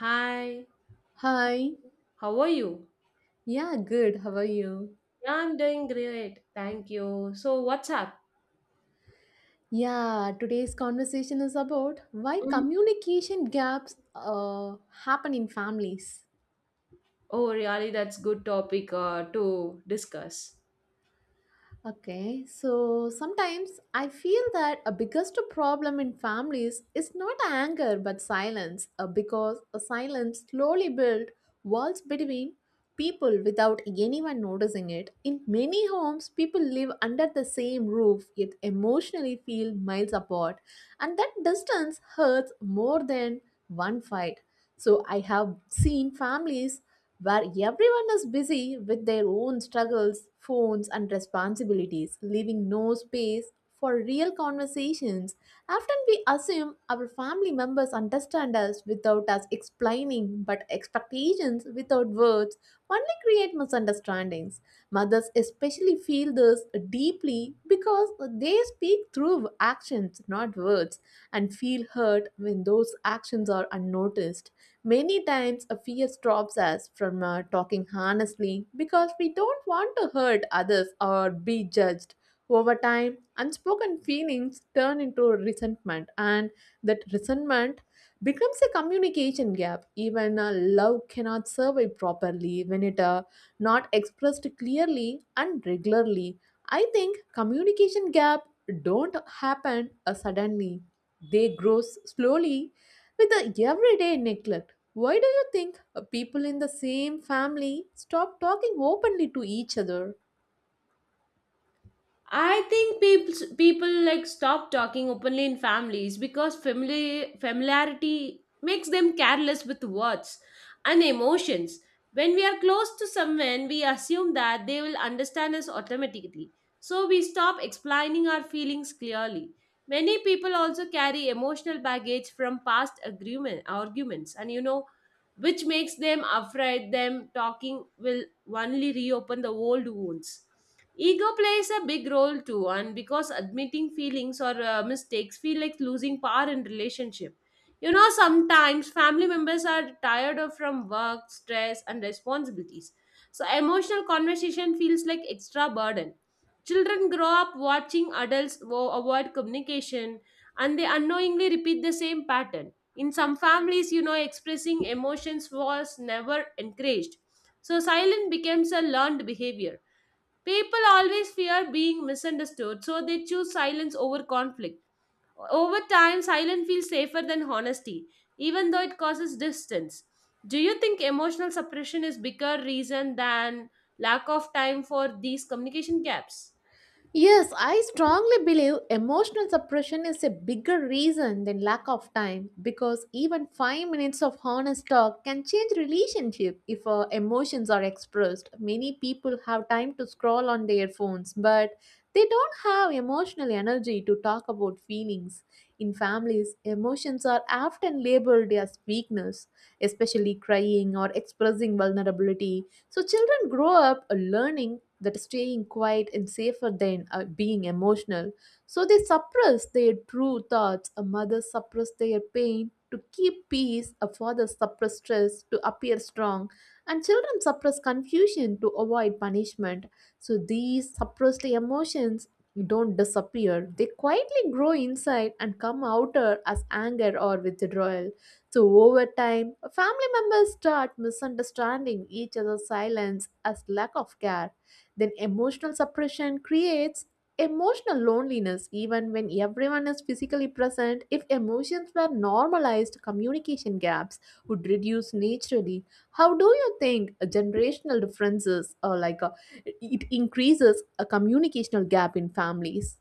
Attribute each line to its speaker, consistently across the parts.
Speaker 1: Hi,
Speaker 2: Hi.
Speaker 1: how are you?
Speaker 2: Yeah, good. How are you?
Speaker 1: Yeah, I'm doing great. Thank you. So, what's up?
Speaker 2: Yeah, today's conversation is about why
Speaker 1: Mm.
Speaker 2: communication gaps happen in families.
Speaker 1: Oh, really, that's good topic to discuss.
Speaker 2: Okay, so sometimes I feel that a biggest problem in families is not anger but silence, because a silence slowly builds walls between people without anyone noticing it. In many homes, people live under the same roof yet emotionally feel miles apart, and that distance hurts more than one fight. So I have seen families where everyone is busy with their own struggles, phones, and responsibilities, leaving no space for real conversations. Often we assume our family members understand us without us explaining, but expectations without words only create misunderstandings feelings. Mothers especially feel this deeply because they speak through actions, not words, and feel hurt when those actions are unnoticed. Many times, a fear stops us from talking honestly because we don't want to hurt others or be judged. Over time, unspoken feelings turn into resentment, and that resentment becomes a communication gap. Even love cannot survive properly when it not expressed clearly and regularly. I think communication gap don't happen suddenly. They grow slowly with the everyday neglect. Why do you think people in the same family stop talking openly to each other?
Speaker 1: I think people like stop talking openly in families because family familiarity makes them careless with words and emotions. When we are close to someone, we assume that they will understand us automatically. So we stop explaining our feelings clearly. Many people also carry emotional baggage from past agreement arguments, and which makes them afraid them talking will only reopen the old wounds. Ego plays a big role too, and because admitting feelings or mistakes feel like losing power in relationship. You know, sometimes family members are tired of from work stress and responsibilities, so emotional conversation feels like extra burden. Children grow up watching adults avoid communication, and they unknowingly repeat the same pattern. In some families, you know, expressing emotions was never encouraged, so silence becomes a learned behavior. People always fear being misunderstood, so they choose silence over conflict. Over time, silence feels safer than honesty, even though it causes distance. Do you think emotional suppression is bigger reason than lack of time for these communication gaps?
Speaker 2: Yes, I strongly believe emotional suppression is a bigger reason than lack of time because even 5 minutes of honest talk can change relationship if emotions are expressed. Many people have time to scroll on their phones but they don't have emotional energy to talk about feelings. In families, emotions are often labeled as weakness, especially crying or expressing vulnerability, so children grow up learning that staying quiet is safer than being emotional. So they suppress their true thoughts. A mother suppress their pain to keep peace. A father suppress stress to appear strong. And children suppress confusion to avoid punishment. So these suppressed emotions don't disappear. They quietly grow inside and come outer as anger or withdrawal. So, over time, family members start misunderstanding each other's silence as lack of care. Then, emotional suppression creates emotional loneliness even when everyone is physically present. If emotions were normalized, communication gaps would reduce naturally. How do you think generational differences or it increases a communicational gap in families?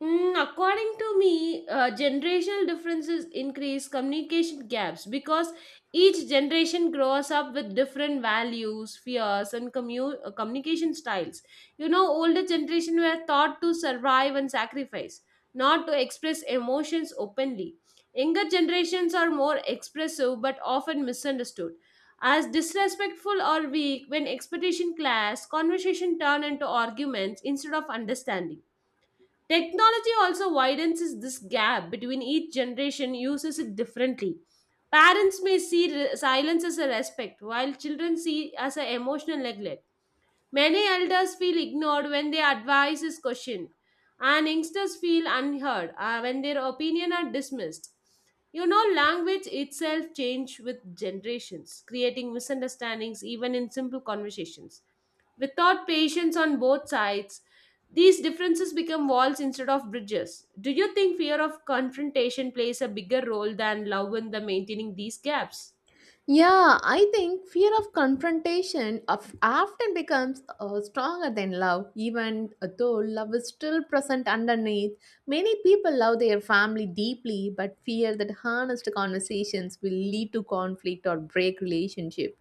Speaker 1: Mm, according to me, generational differences increase communication gaps because each generation grows up with different values, fears, and communication styles. You know, older generation were taught to survive and sacrifice, not to express emotions openly. Younger generations are more expressive but often misunderstood as disrespectful or weak when expectation clash. Conversation turn into arguments instead of understanding. Technology also widens this gap between each generation uses it differently. Parents may see silence as a respect, while children see as an emotional neglect. Many elders feel ignored when their advice is questioned, and youngsters feel unheard when their opinion are dismissed. You know, language itself change with generations, creating misunderstandings even in simple conversations. Without patience on both sides, these differences become walls instead of bridges. Do you think fear of confrontation plays a bigger role than love in the maintaining these gaps?
Speaker 2: Yeah, I think fear of confrontation of often becomes stronger than love, even though love is still present underneath. Many people love their family deeply, but fear that honest conversations will lead to conflict or break relationship.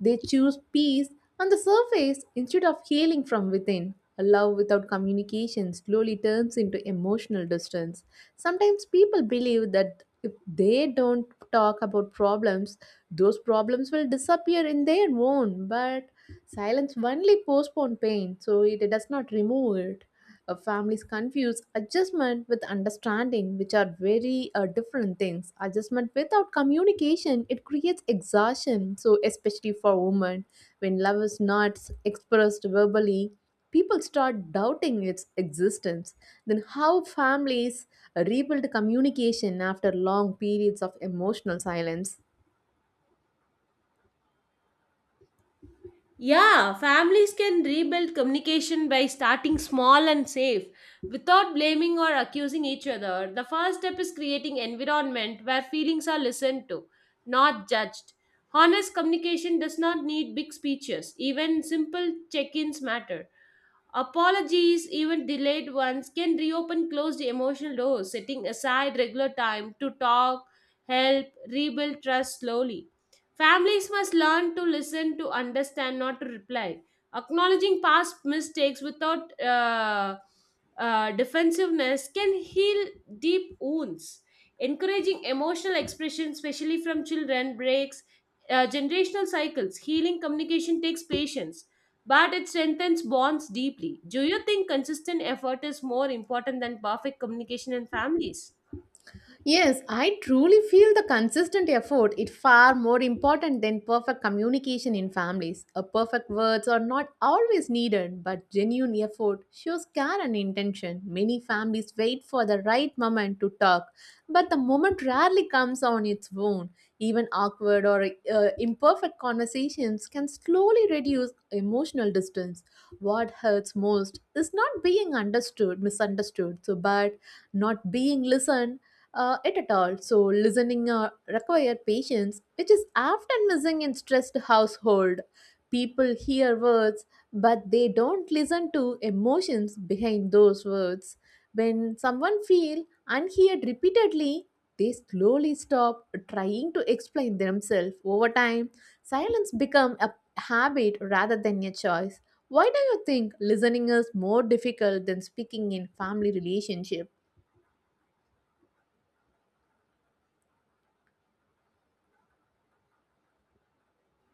Speaker 2: They choose peace on the surface instead of healing from within. A love without communication slowly turns into emotional distance. Sometimes people believe that if they don't talk about problems, those problems will disappear in their own, but silence only postpone pain, so it does not remove it. Families confuse adjustment with understanding, which are very different things. Adjustment without communication it creates exhaustion, so especially for women, when love is not expressed verbally, people start doubting its existence. Then how families rebuild communication after long periods of emotional silence?
Speaker 1: Yeah, families can rebuild communication by starting small and safe without blaming or accusing each other. The first step is creating environment where feelings are listened to, not judged. Honest communication does not need big speeches. Even simple check-ins matter. Apologies, even delayed ones, can reopen closed emotional doors, setting aside regular time to talk, help, rebuild trust slowly. Families must learn to listen, to understand, not to reply. Acknowledging past mistakes without defensiveness can heal deep wounds. Encouraging emotional expression, especially from children, breaks generational cycles. Healing communication takes patience, but it strengthens bonds deeply. Do you think consistent effort is more important than perfect communication in families?
Speaker 2: Yes, I truly feel the consistent effort is far more important than perfect communication in families. A perfect words are not always needed, but genuine effort shows care and intention. Many families wait for the right moment to talk, but the moment rarely comes on its own. Even awkward or imperfect conversations can slowly reduce emotional distance. What hurts most is not being understood, misunderstood, so but not being listened it at all. So listening require patience, which is often missing in stressed household. People hear words, but they don't listen to emotions behind those words. When someone feel unheard repeatedly, they slowly stop trying to explain themselves. Over time, silence become a habit rather than a choice. Why do you think listening is more difficult than speaking in family relationship?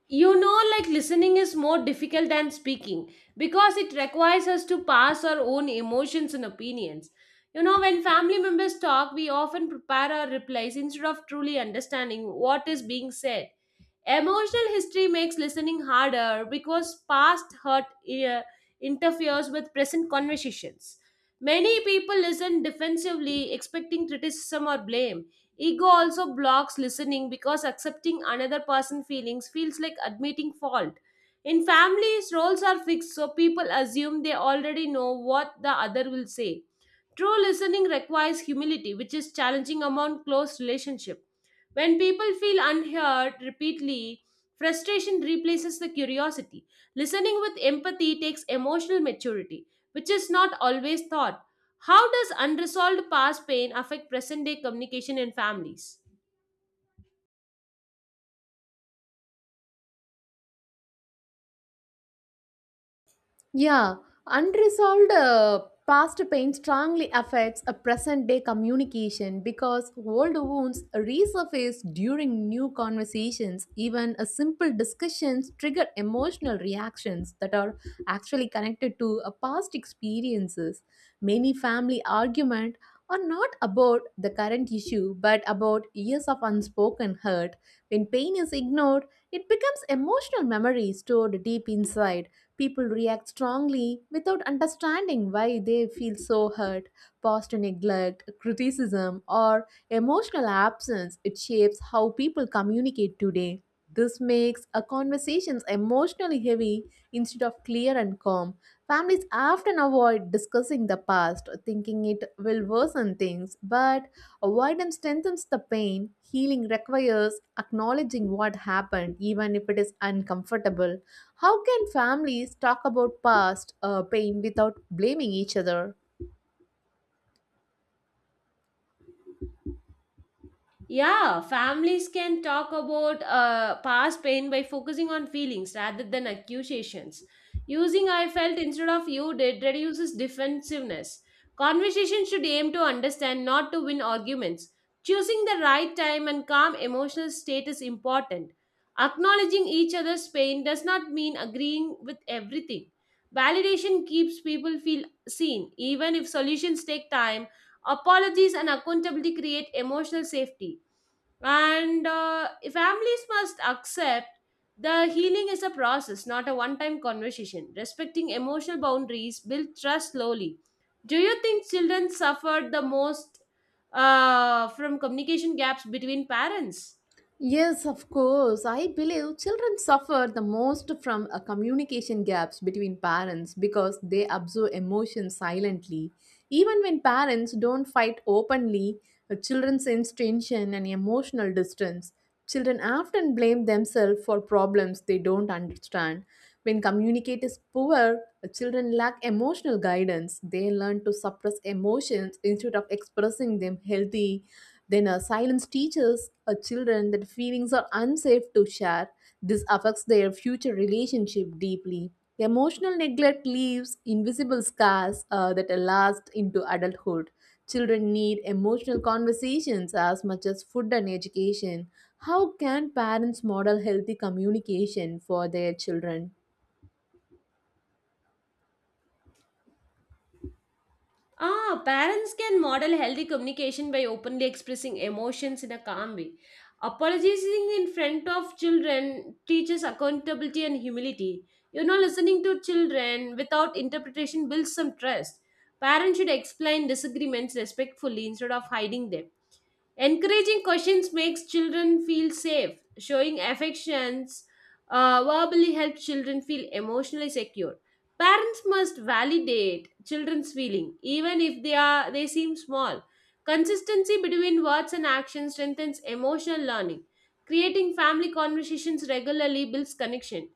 Speaker 1: You know, like listening is more difficult than speaking because it requires us to pass our own emotions and opinions. You know, when family members talk, we often prepare our replies instead of truly understanding what is being said. Emotional history makes listening harder because past hurt uh, interferes with present conversations. Many people listen defensively, expecting criticism or blame. Ego also blocks listening because accepting another person's feelings feels like admitting fault. In families, roles are fixed, so people assume they already know what the other will say. True listening requires humility, which is challenging among close relationships. When people feel unheard repeatedly, frustration replaces the curiosity. Listening with empathy takes emotional maturity, which is not always thought. How does unresolved past pain affect present day communication in families?
Speaker 2: Yeah, unresolved past pain strongly affects a present day communication because old wounds resurface during new conversations. Even a simple discussions trigger emotional reactions that are actually connected to a past experiences. Many family argument are not about the current issue but about years of unspoken hurt. When pain is ignored, it becomes emotional memory stored deep inside. People react strongly without understanding why they feel so hurt. Past neglect, criticism, or emotional absence, it shapes how people communicate today. This makes a conversations emotionally heavy instead of clear and calm. Families often avoid discussing the past, thinking it will worsen things, but avoidance strengthens the pain. Healing requires acknowledging what happened, even if it is uncomfortable. How can families talk about past pain without blaming each other?
Speaker 1: Yeah, families can talk about past pain by focusing on feelings rather than accusations. Using I felt instead of you did reduces defensiveness. Conversation should aim to understand, not to win arguments. Choosing the right time and calm emotional state is important. Acknowledging each other's pain does not mean agreeing with everything. Validation keeps people feel seen, even if solutions take time. Apologies and accountability create emotional safety. And families must accept the healing is a process, not a one time conversation. Respecting emotional boundaries build trust slowly. Do you think children suffered the most from communication gaps between parents?
Speaker 2: Yes, of course. I believe children suffer the most from communication gaps between parents because they absorb emotions silently. Even when parents don't fight openly, children sense tension and emotional distance. Children often blame themselves for problems they don't understand. When communicate is poor, children lack emotional guidance. They learn to suppress emotions instead of expressing them healthy, then silence teaches children that feelings are unsafe to share. This affects their future relationship deeply. Emotional neglect leaves invisible scars that last into adulthood. Children need emotional conversations as much as food and education. How can parents model healthy communication for their children?
Speaker 1: Ah, parents can model healthy communication by openly expressing emotions in a calm way. Apologizing in front of children teaches accountability and humility. You know, listening to children without interpretation builds some trust. Parents should explain disagreements respectfully instead of hiding them. Encouraging questions makes children feel safe. Showing affections verbally helps children feel emotionally secure. Parents must validate children's feeling, even if they seem small. Consistency between words and action strengthens emotional learning. Creating family conversations regularly builds connection.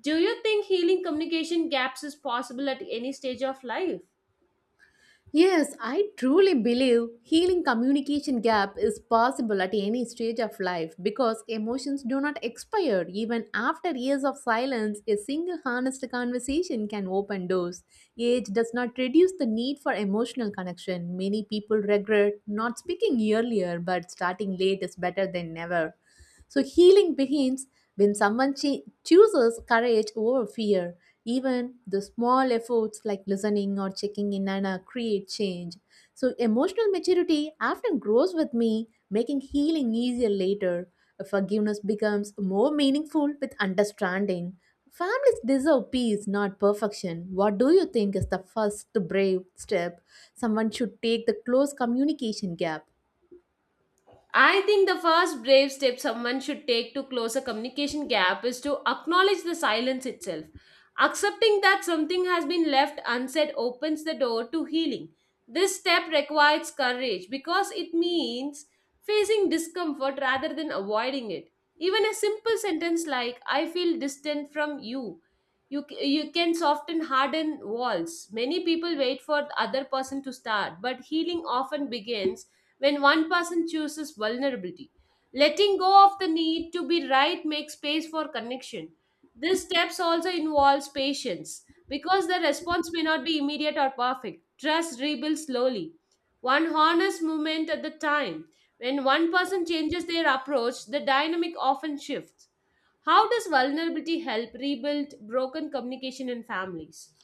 Speaker 1: Do you think healing communication gaps is possible at any stage of life?
Speaker 2: Yes, I truly believe healing communication gap is possible at any stage of life because emotions do not expire. Even after years of silence, a single honest conversation can open doors. Age does not reduce the need for emotional connection. Many people regret not speaking earlier, but starting late is better than never. So healing begins when someone chooses courage over fear, even the small efforts like listening or checking in and create change. So, emotional maturity often grows with me, making healing easier later. Forgiveness becomes more meaningful with understanding. Families deserve peace, not perfection. What do you think is the first brave step someone should take to close communication gap?
Speaker 1: I think the first brave step someone should take to close a communication gap is to acknowledge the silence itself. Accepting that something has been left unsaid opens the door to healing. This step requires courage because it means facing discomfort rather than avoiding it. Even a simple sentence like, I feel distant from you, you can soften hardened walls. Many people wait for the other person to start, but healing often begins when one person chooses vulnerability. Letting go of the need to be right makes space for connection. This steps also involves patience because the response may not be immediate or perfect. Trust rebuilds slowly, one honest moment at the time. When one person changes their approach, the dynamic often shifts. How does vulnerability help rebuild broken communication in families?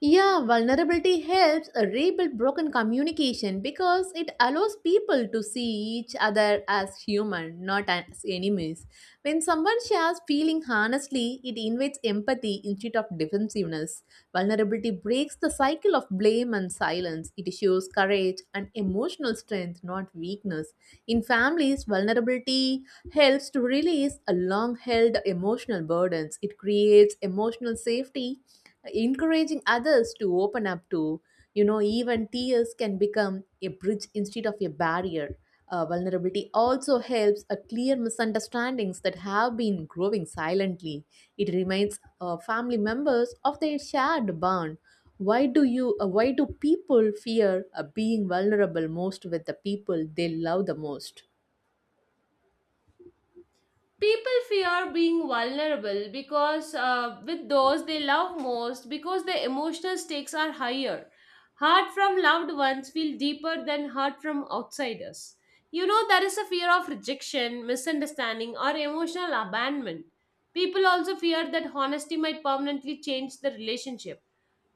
Speaker 2: Yeah, vulnerability helps rebuild broken communication because it allows people to see each other as human, not as enemies. When someone shares feeling honestly, it invites empathy instead of defensiveness. Vulnerability breaks the cycle of blame and silence. It shows courage and emotional strength, not weakness. In families, vulnerability helps to release a long held emotional burdens. It creates emotional safety, encouraging others to open up to even tears can become a bridge instead of a barrier. Vulnerability also helps a clear misunderstandings that have been growing silently. It reminds family members of their shared bond. Why do people fear being vulnerable most with the people they love the most?
Speaker 1: People fear being vulnerable because with those they love most because the emotional stakes are higher. Hurt from loved ones feel deeper than hurt from outsiders. You know, there is a fear of rejection, misunderstanding, or emotional abandonment. People also fear that honesty might permanently change the relationship.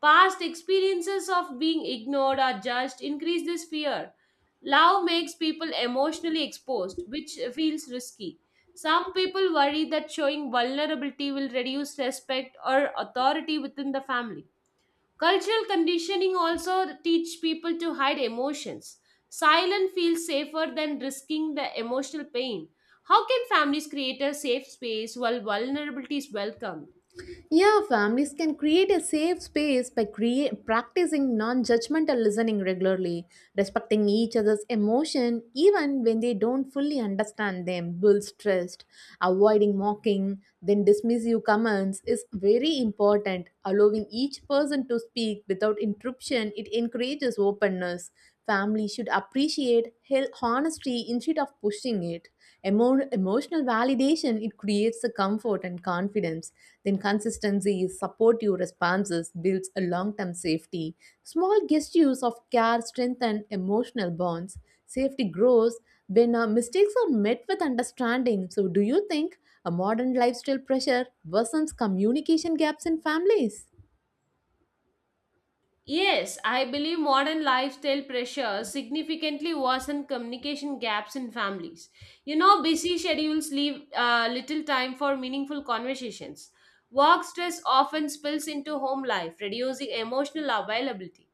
Speaker 1: Past experiences of being ignored or judged increase this fear. Love makes people emotionally exposed, which feels risky. Some people worry that showing vulnerability will reduce respect or authority within the family. Cultural conditioning also teach people to hide emotions. Silence feels safer than risking the emotional pain. How can families create a safe space while vulnerability is welcomed?
Speaker 2: Yeah, families can create a safe space by practicing non judgmental listening regularly, respecting each other's emotion even when they don't fully understand them, builds trust. Avoiding mocking, then dismissive comments is very important. Allowing each person to speak without interruption, it encourages openness. Families should appreciate honesty instead of pushing it. Emotional validation it creates the comfort and confidence. Then consistency, supportive responses builds a long-term safety. Small gestures of care strengthen emotional bonds. Safety grows when mistakes are met with understanding. So, do you think a modern lifestyle pressure worsens communication gaps in families?
Speaker 1: Yes, I believe modern lifestyle pressures significantly worsen communication gaps in families. You know, busy schedules leave little time for meaningful conversations. Work stress often spills into home life, reducing emotional availability.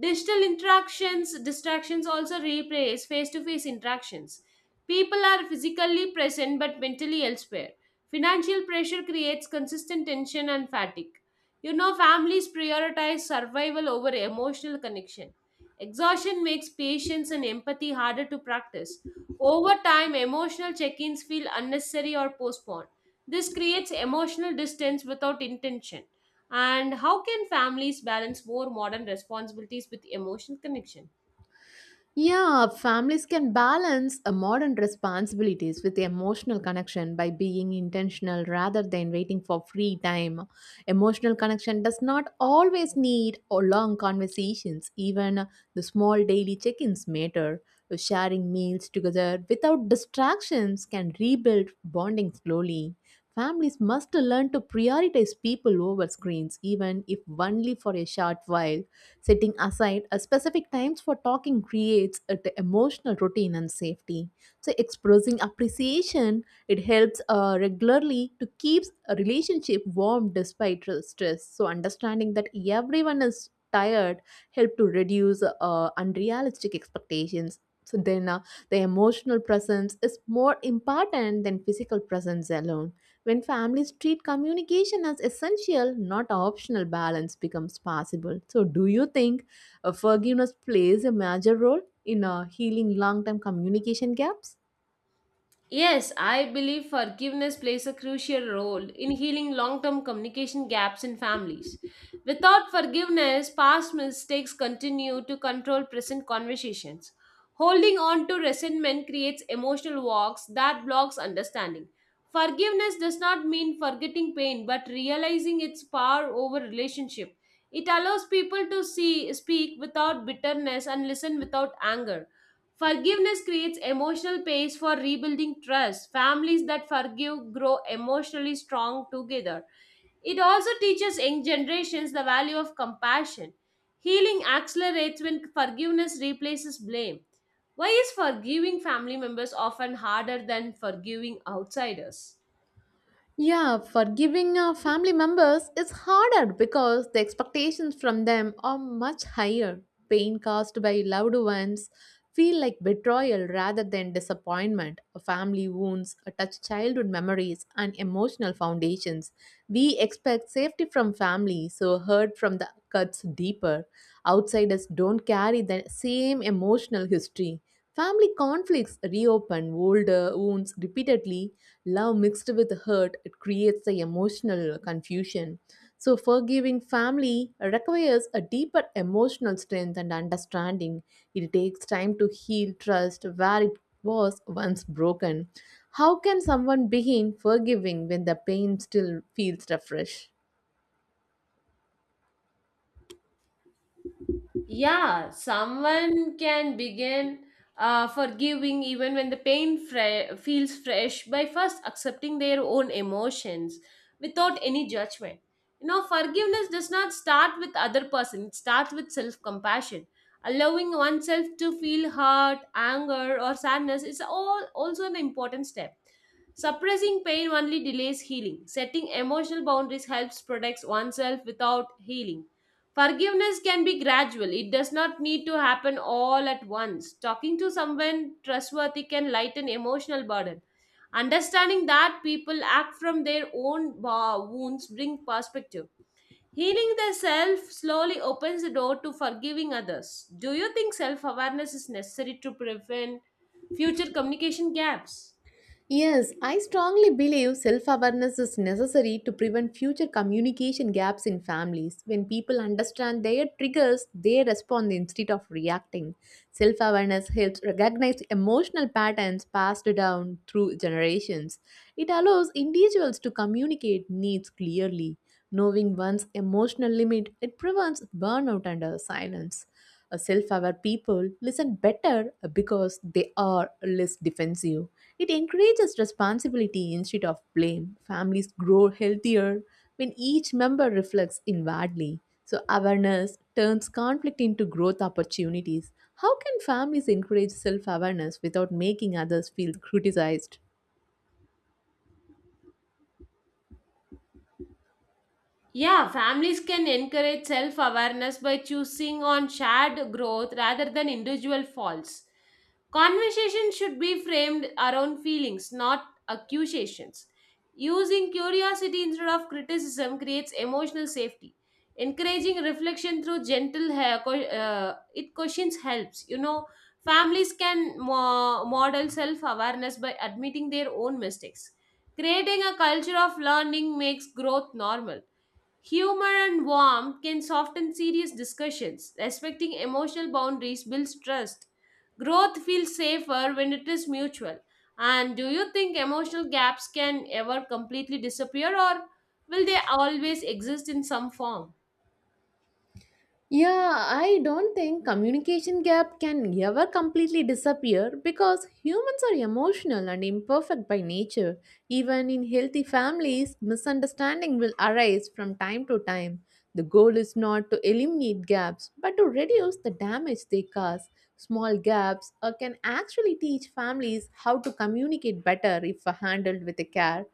Speaker 1: Digital interactions, distractions also replace face to face interactions. People are physically present but mentally elsewhere. Financial pressure creates consistent tension and fatigue. You know, families prioritize survival over emotional connection. Exhaustion makes patience and empathy harder to practice. Over time, emotional check ins feel unnecessary or postponed. This creates emotional distance without intention. And how can families balance more modern responsibilities with emotional connection?
Speaker 2: Yeah, families can balance a modern responsibilities with emotional connection by being intentional rather than waiting for free time. Emotional connection does not always need or long conversations. Even the small daily check-ins matter. Sharing meals together without distractions can rebuild bonding slowly. Families must learn to prioritize people over screens, even if only for a short while. Setting aside a specific times for talking creates an emotional routine and safety. So expressing appreciation, it helps regularly to keep a relationship warm despite stress. So understanding that everyone is tired help to reduce unrealistic expectations. So the emotional presence is more important than physical presence alone. When families treat communication as essential, not optional, balance becomes possible. So, do you think forgiveness plays a major role in healing long term communication gaps?
Speaker 1: Yes, I believe forgiveness plays a crucial role in healing long term communication gaps in families. Without forgiveness, past mistakes continue to control present conversations. Holding on to resentment creates emotional walks that blocks understanding. Forgiveness does not mean forgetting pain, but realizing its power over relationship. It allows people to see, speak without bitterness and listen without anger. Forgiveness creates emotional space for rebuilding trust. Families that forgive grow emotionally strong together. It also teaches young generations the value of compassion. Healing accelerates when forgiveness replaces blame. Why is forgiving family members often harder than forgiving outsiders?
Speaker 2: Yeah, forgiving our family members is harder because the expectations from them are much higher. Pain caused by loved ones feel like betrayal rather than disappointment. Family wounds touch childhood memories and emotional foundations. We expect safety from family, so hurt from the cuts deeper. Outsiders don't carry the same emotional history. Family conflicts reopen old wounds repeatedly. Love mixed with hurt it creates the emotional confusion. So, forgiving family requires a deeper emotional strength and understanding. It takes time to heal trust where it was once broken. How can someone begin forgiving when the pain still feels fresh?
Speaker 1: Yeah, someone can begin forgiving even when the pain feels fresh by first accepting their own emotions without any judgment. You know, forgiveness does not start with other person; it starts with self-compassion. Allowing oneself to feel hurt, anger, or sadness is all also an important step. Suppressing pain only delays healing. Setting emotional boundaries helps protect oneself without healing. Forgiveness can be gradual, it does not need to happen all at once. Talking to someone trustworthy can lighten emotional burden. Understanding that people act from their own wounds bring perspective. Healing the self slowly opens the door to forgiving others. Do you think self awareness is necessary to prevent future communication gaps?
Speaker 2: Yes, I strongly believe self awareness is necessary to prevent future communication gaps in families. When people understand their triggers, they respond instead of reacting. Self awareness helps recognize emotional patterns passed down through generations. It allows individuals to communicate needs clearly. Knowing one's emotional limit, it prevents burnout and silence. Self aware people listen better because they are less defensive. It encourages responsibility instead of blame. Families grow healthier when each member reflects inwardly. So, awareness turns conflict into growth opportunities. How can families encourage self awareness without making others feel criticized?
Speaker 1: Yeah, families can encourage self awareness by choosing on shared growth rather than individual faults. Conversation should be framed around feelings, not accusations. Using curiosity instead of criticism creates emotional safety. Encouraging reflection through gentle it questions helps. You know, families can model self awareness by admitting their own mistakes. Creating a culture of learning makes growth normal. Humor and warmth can soften serious discussions. Respecting emotional boundaries builds trust. Growth feels safer when it is mutual. And do you think emotional gaps can ever completely disappear, or will they always exist in some form?
Speaker 2: Yeah, I don't think communication gap can ever completely disappear because humans are emotional and imperfect by nature. Even in healthy families, misunderstanding will arise from time to time. The goal is not to eliminate gaps, but to reduce the damage they cause. Small gaps can actually teach families how to communicate better if handled with care.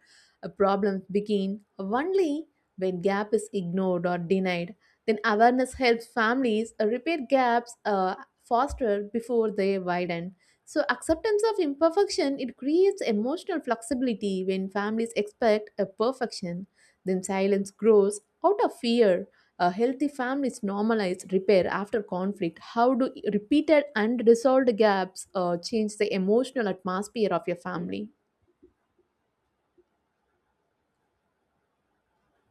Speaker 2: Problems begin only when gap is ignored or denied, then awareness helps families repair gaps faster before they widen. So acceptance of imperfection it creates emotional flexibility. When families expect a perfection, then silence grows out of fear. A healthy families normalize repair after conflict. How do repeated and resolved gaps change the emotional atmosphere of your family?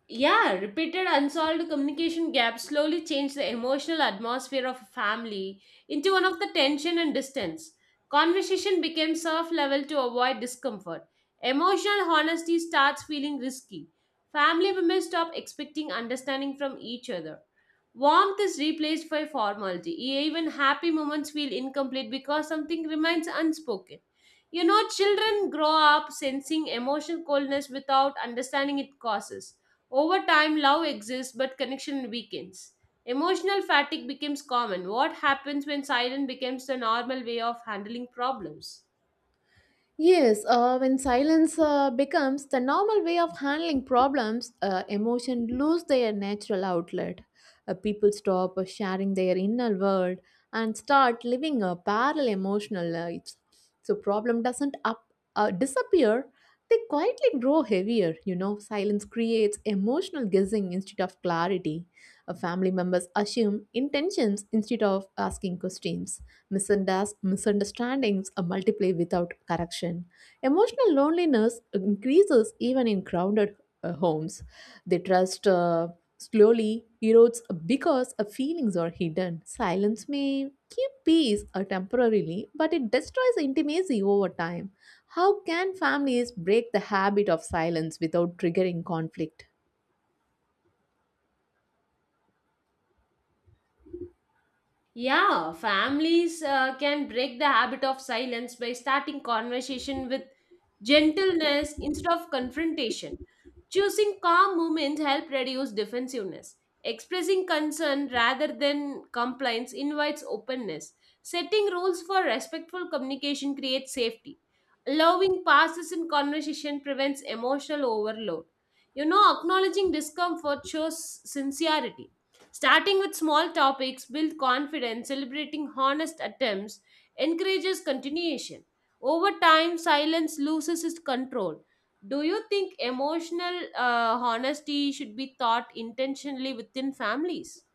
Speaker 1: Yeah, repeated unsolved communication gaps slowly change the emotional atmosphere of a family into one of the tension and distance. Conversation becomes surf level to avoid discomfort. Emotional honesty starts feeling risky. Family members stop expecting understanding from each other. Warmth is replaced by formality. Even happy moments feel incomplete because something remains unspoken. You know, children grow up sensing emotional coldness without understanding it causes. Over time, love exists, but connection weakens. Emotional fatigue becomes common. What happens when silence becomes the normal way of handling problems?
Speaker 2: Yes, when silence becomes the normal way of handling problems, emotion lose their natural outlet. People stop sharing their inner world and start living a parallel emotional lives. So problem doesn't up disappear; they quietly grow heavier. You know, silence creates emotional guessing instead of clarity. Family members assume intentions instead of asking questions. Misunderstandings multiply without correction. Emotional loneliness increases even in crowded homes. The trust slowly erodes because feelings are hidden. Silence may keep peace temporarily, but it destroys intimacy over time. How can families break the habit of silence without triggering conflict?
Speaker 1: Yeah, families can break the habit of silence by starting conversation with gentleness instead of confrontation. Choosing calm moments help reduce defensiveness. Expressing concern rather than complaints invites openness. Setting rules for respectful communication creates safety. Allowing pauses in conversation prevents emotional overload. You know, acknowledging discomfort shows sincerity. Starting with small topics builds confidence, celebrating honest attempts encourages continuation. Over time, silence loses its control. Do you think emotional honesty should be taught intentionally within families?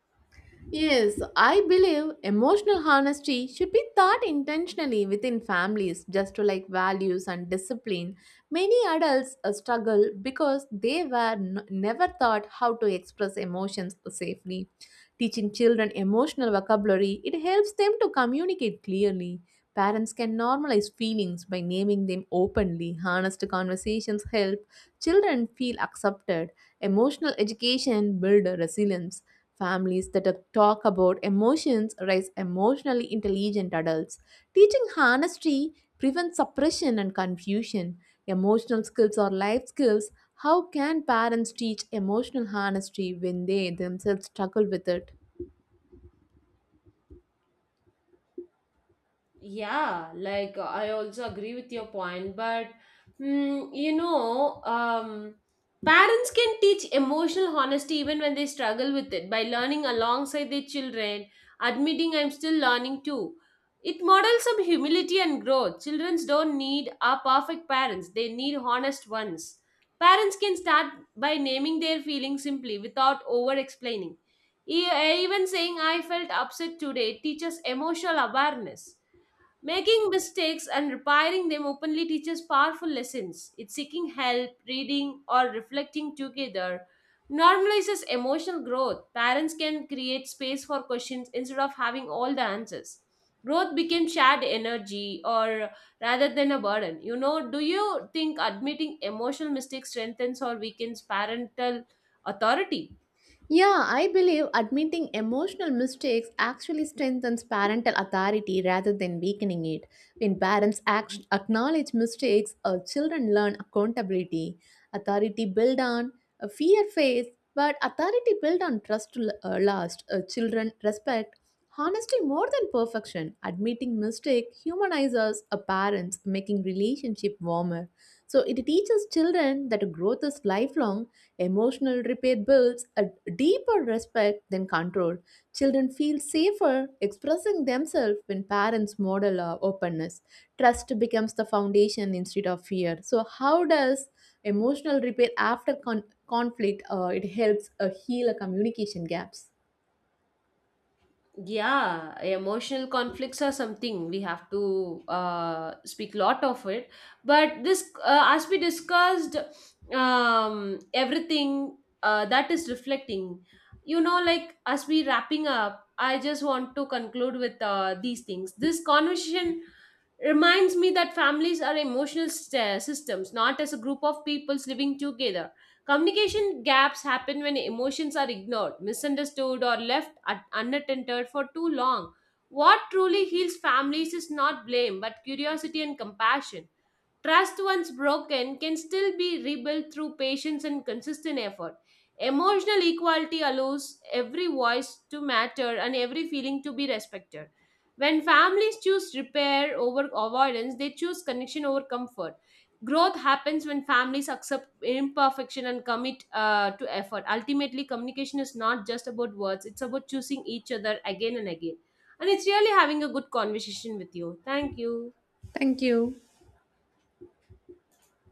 Speaker 2: Yes, I believe emotional honesty should be taught intentionally within families, just to like values and discipline. Many adults struggle because they were never taught how to express emotions safely. Teaching children emotional vocabulary, it helps them to communicate clearly. Parents can normalize feelings by naming them openly. Honest conversations help children feel accepted. Emotional education builds resilience. Families that talk about emotions raise emotionally intelligent adults. Teaching honesty prevents suppression and confusion. Emotional skills are life skills. How can parents teach emotional honesty when they themselves struggle with it?
Speaker 1: Yeah, like I also agree with your point, but mm, you know, um, parents can teach emotional honesty even when they struggle with it by learning alongside their children, admitting I'm still learning too. It models some humility and growth. Children don't need our perfect parents, they need honest ones. Parents can start by naming their feelings simply without over explaining. E- Even saying I felt upset today teaches emotional awareness. Making mistakes and repairing them openly teaches powerful lessons. It's seeking help, reading, or reflecting together normalizes emotional growth. Parents can create space for questions instead of having all the answers. Growth became shared energy or rather than a burden. You know, do you think admitting emotional mistakes strengthens or weakens parental authority?
Speaker 2: Yeah, I believe admitting emotional mistakes actually strengthens parental authority rather than weakening it. When parents acknowledge mistakes, our children learn accountability. Authority built on a fear phase, but authority built on trust last. Children respect honesty more than perfection. Admitting mistake humanizes a parents, making relationship warmer. So it teaches children that growth is lifelong. Emotional repair builds a deeper respect than control. Children feel safer expressing themselves when parents model openness. Trust becomes the foundation instead of fear. So, how does emotional repair after conflict it helps heal a communication gaps?
Speaker 1: Yeah, emotional conflicts are something we have to speak lot of it, but this as we discussed, everything that is reflecting, you know, like as we wrapping up, I just want to conclude with these things. This conversation reminds me that families are emotional systems, not as a group of peoples living together. Communication gaps happen when emotions are ignored, misunderstood, or left unattended for too long. What truly heals families is not blame, but curiosity and compassion. Trust, once broken, can still be rebuilt through patience and consistent effort. Emotional equality allows every voice to matter and every feeling to be respected. When families choose repair over avoidance, they choose connection over comfort. Growth happens when families accept imperfection and commit to effort. Ultimately, communication is not just about words, it's about choosing each other again and again. And it's really having a good conversation with you. Thank you.
Speaker 2: Thank you.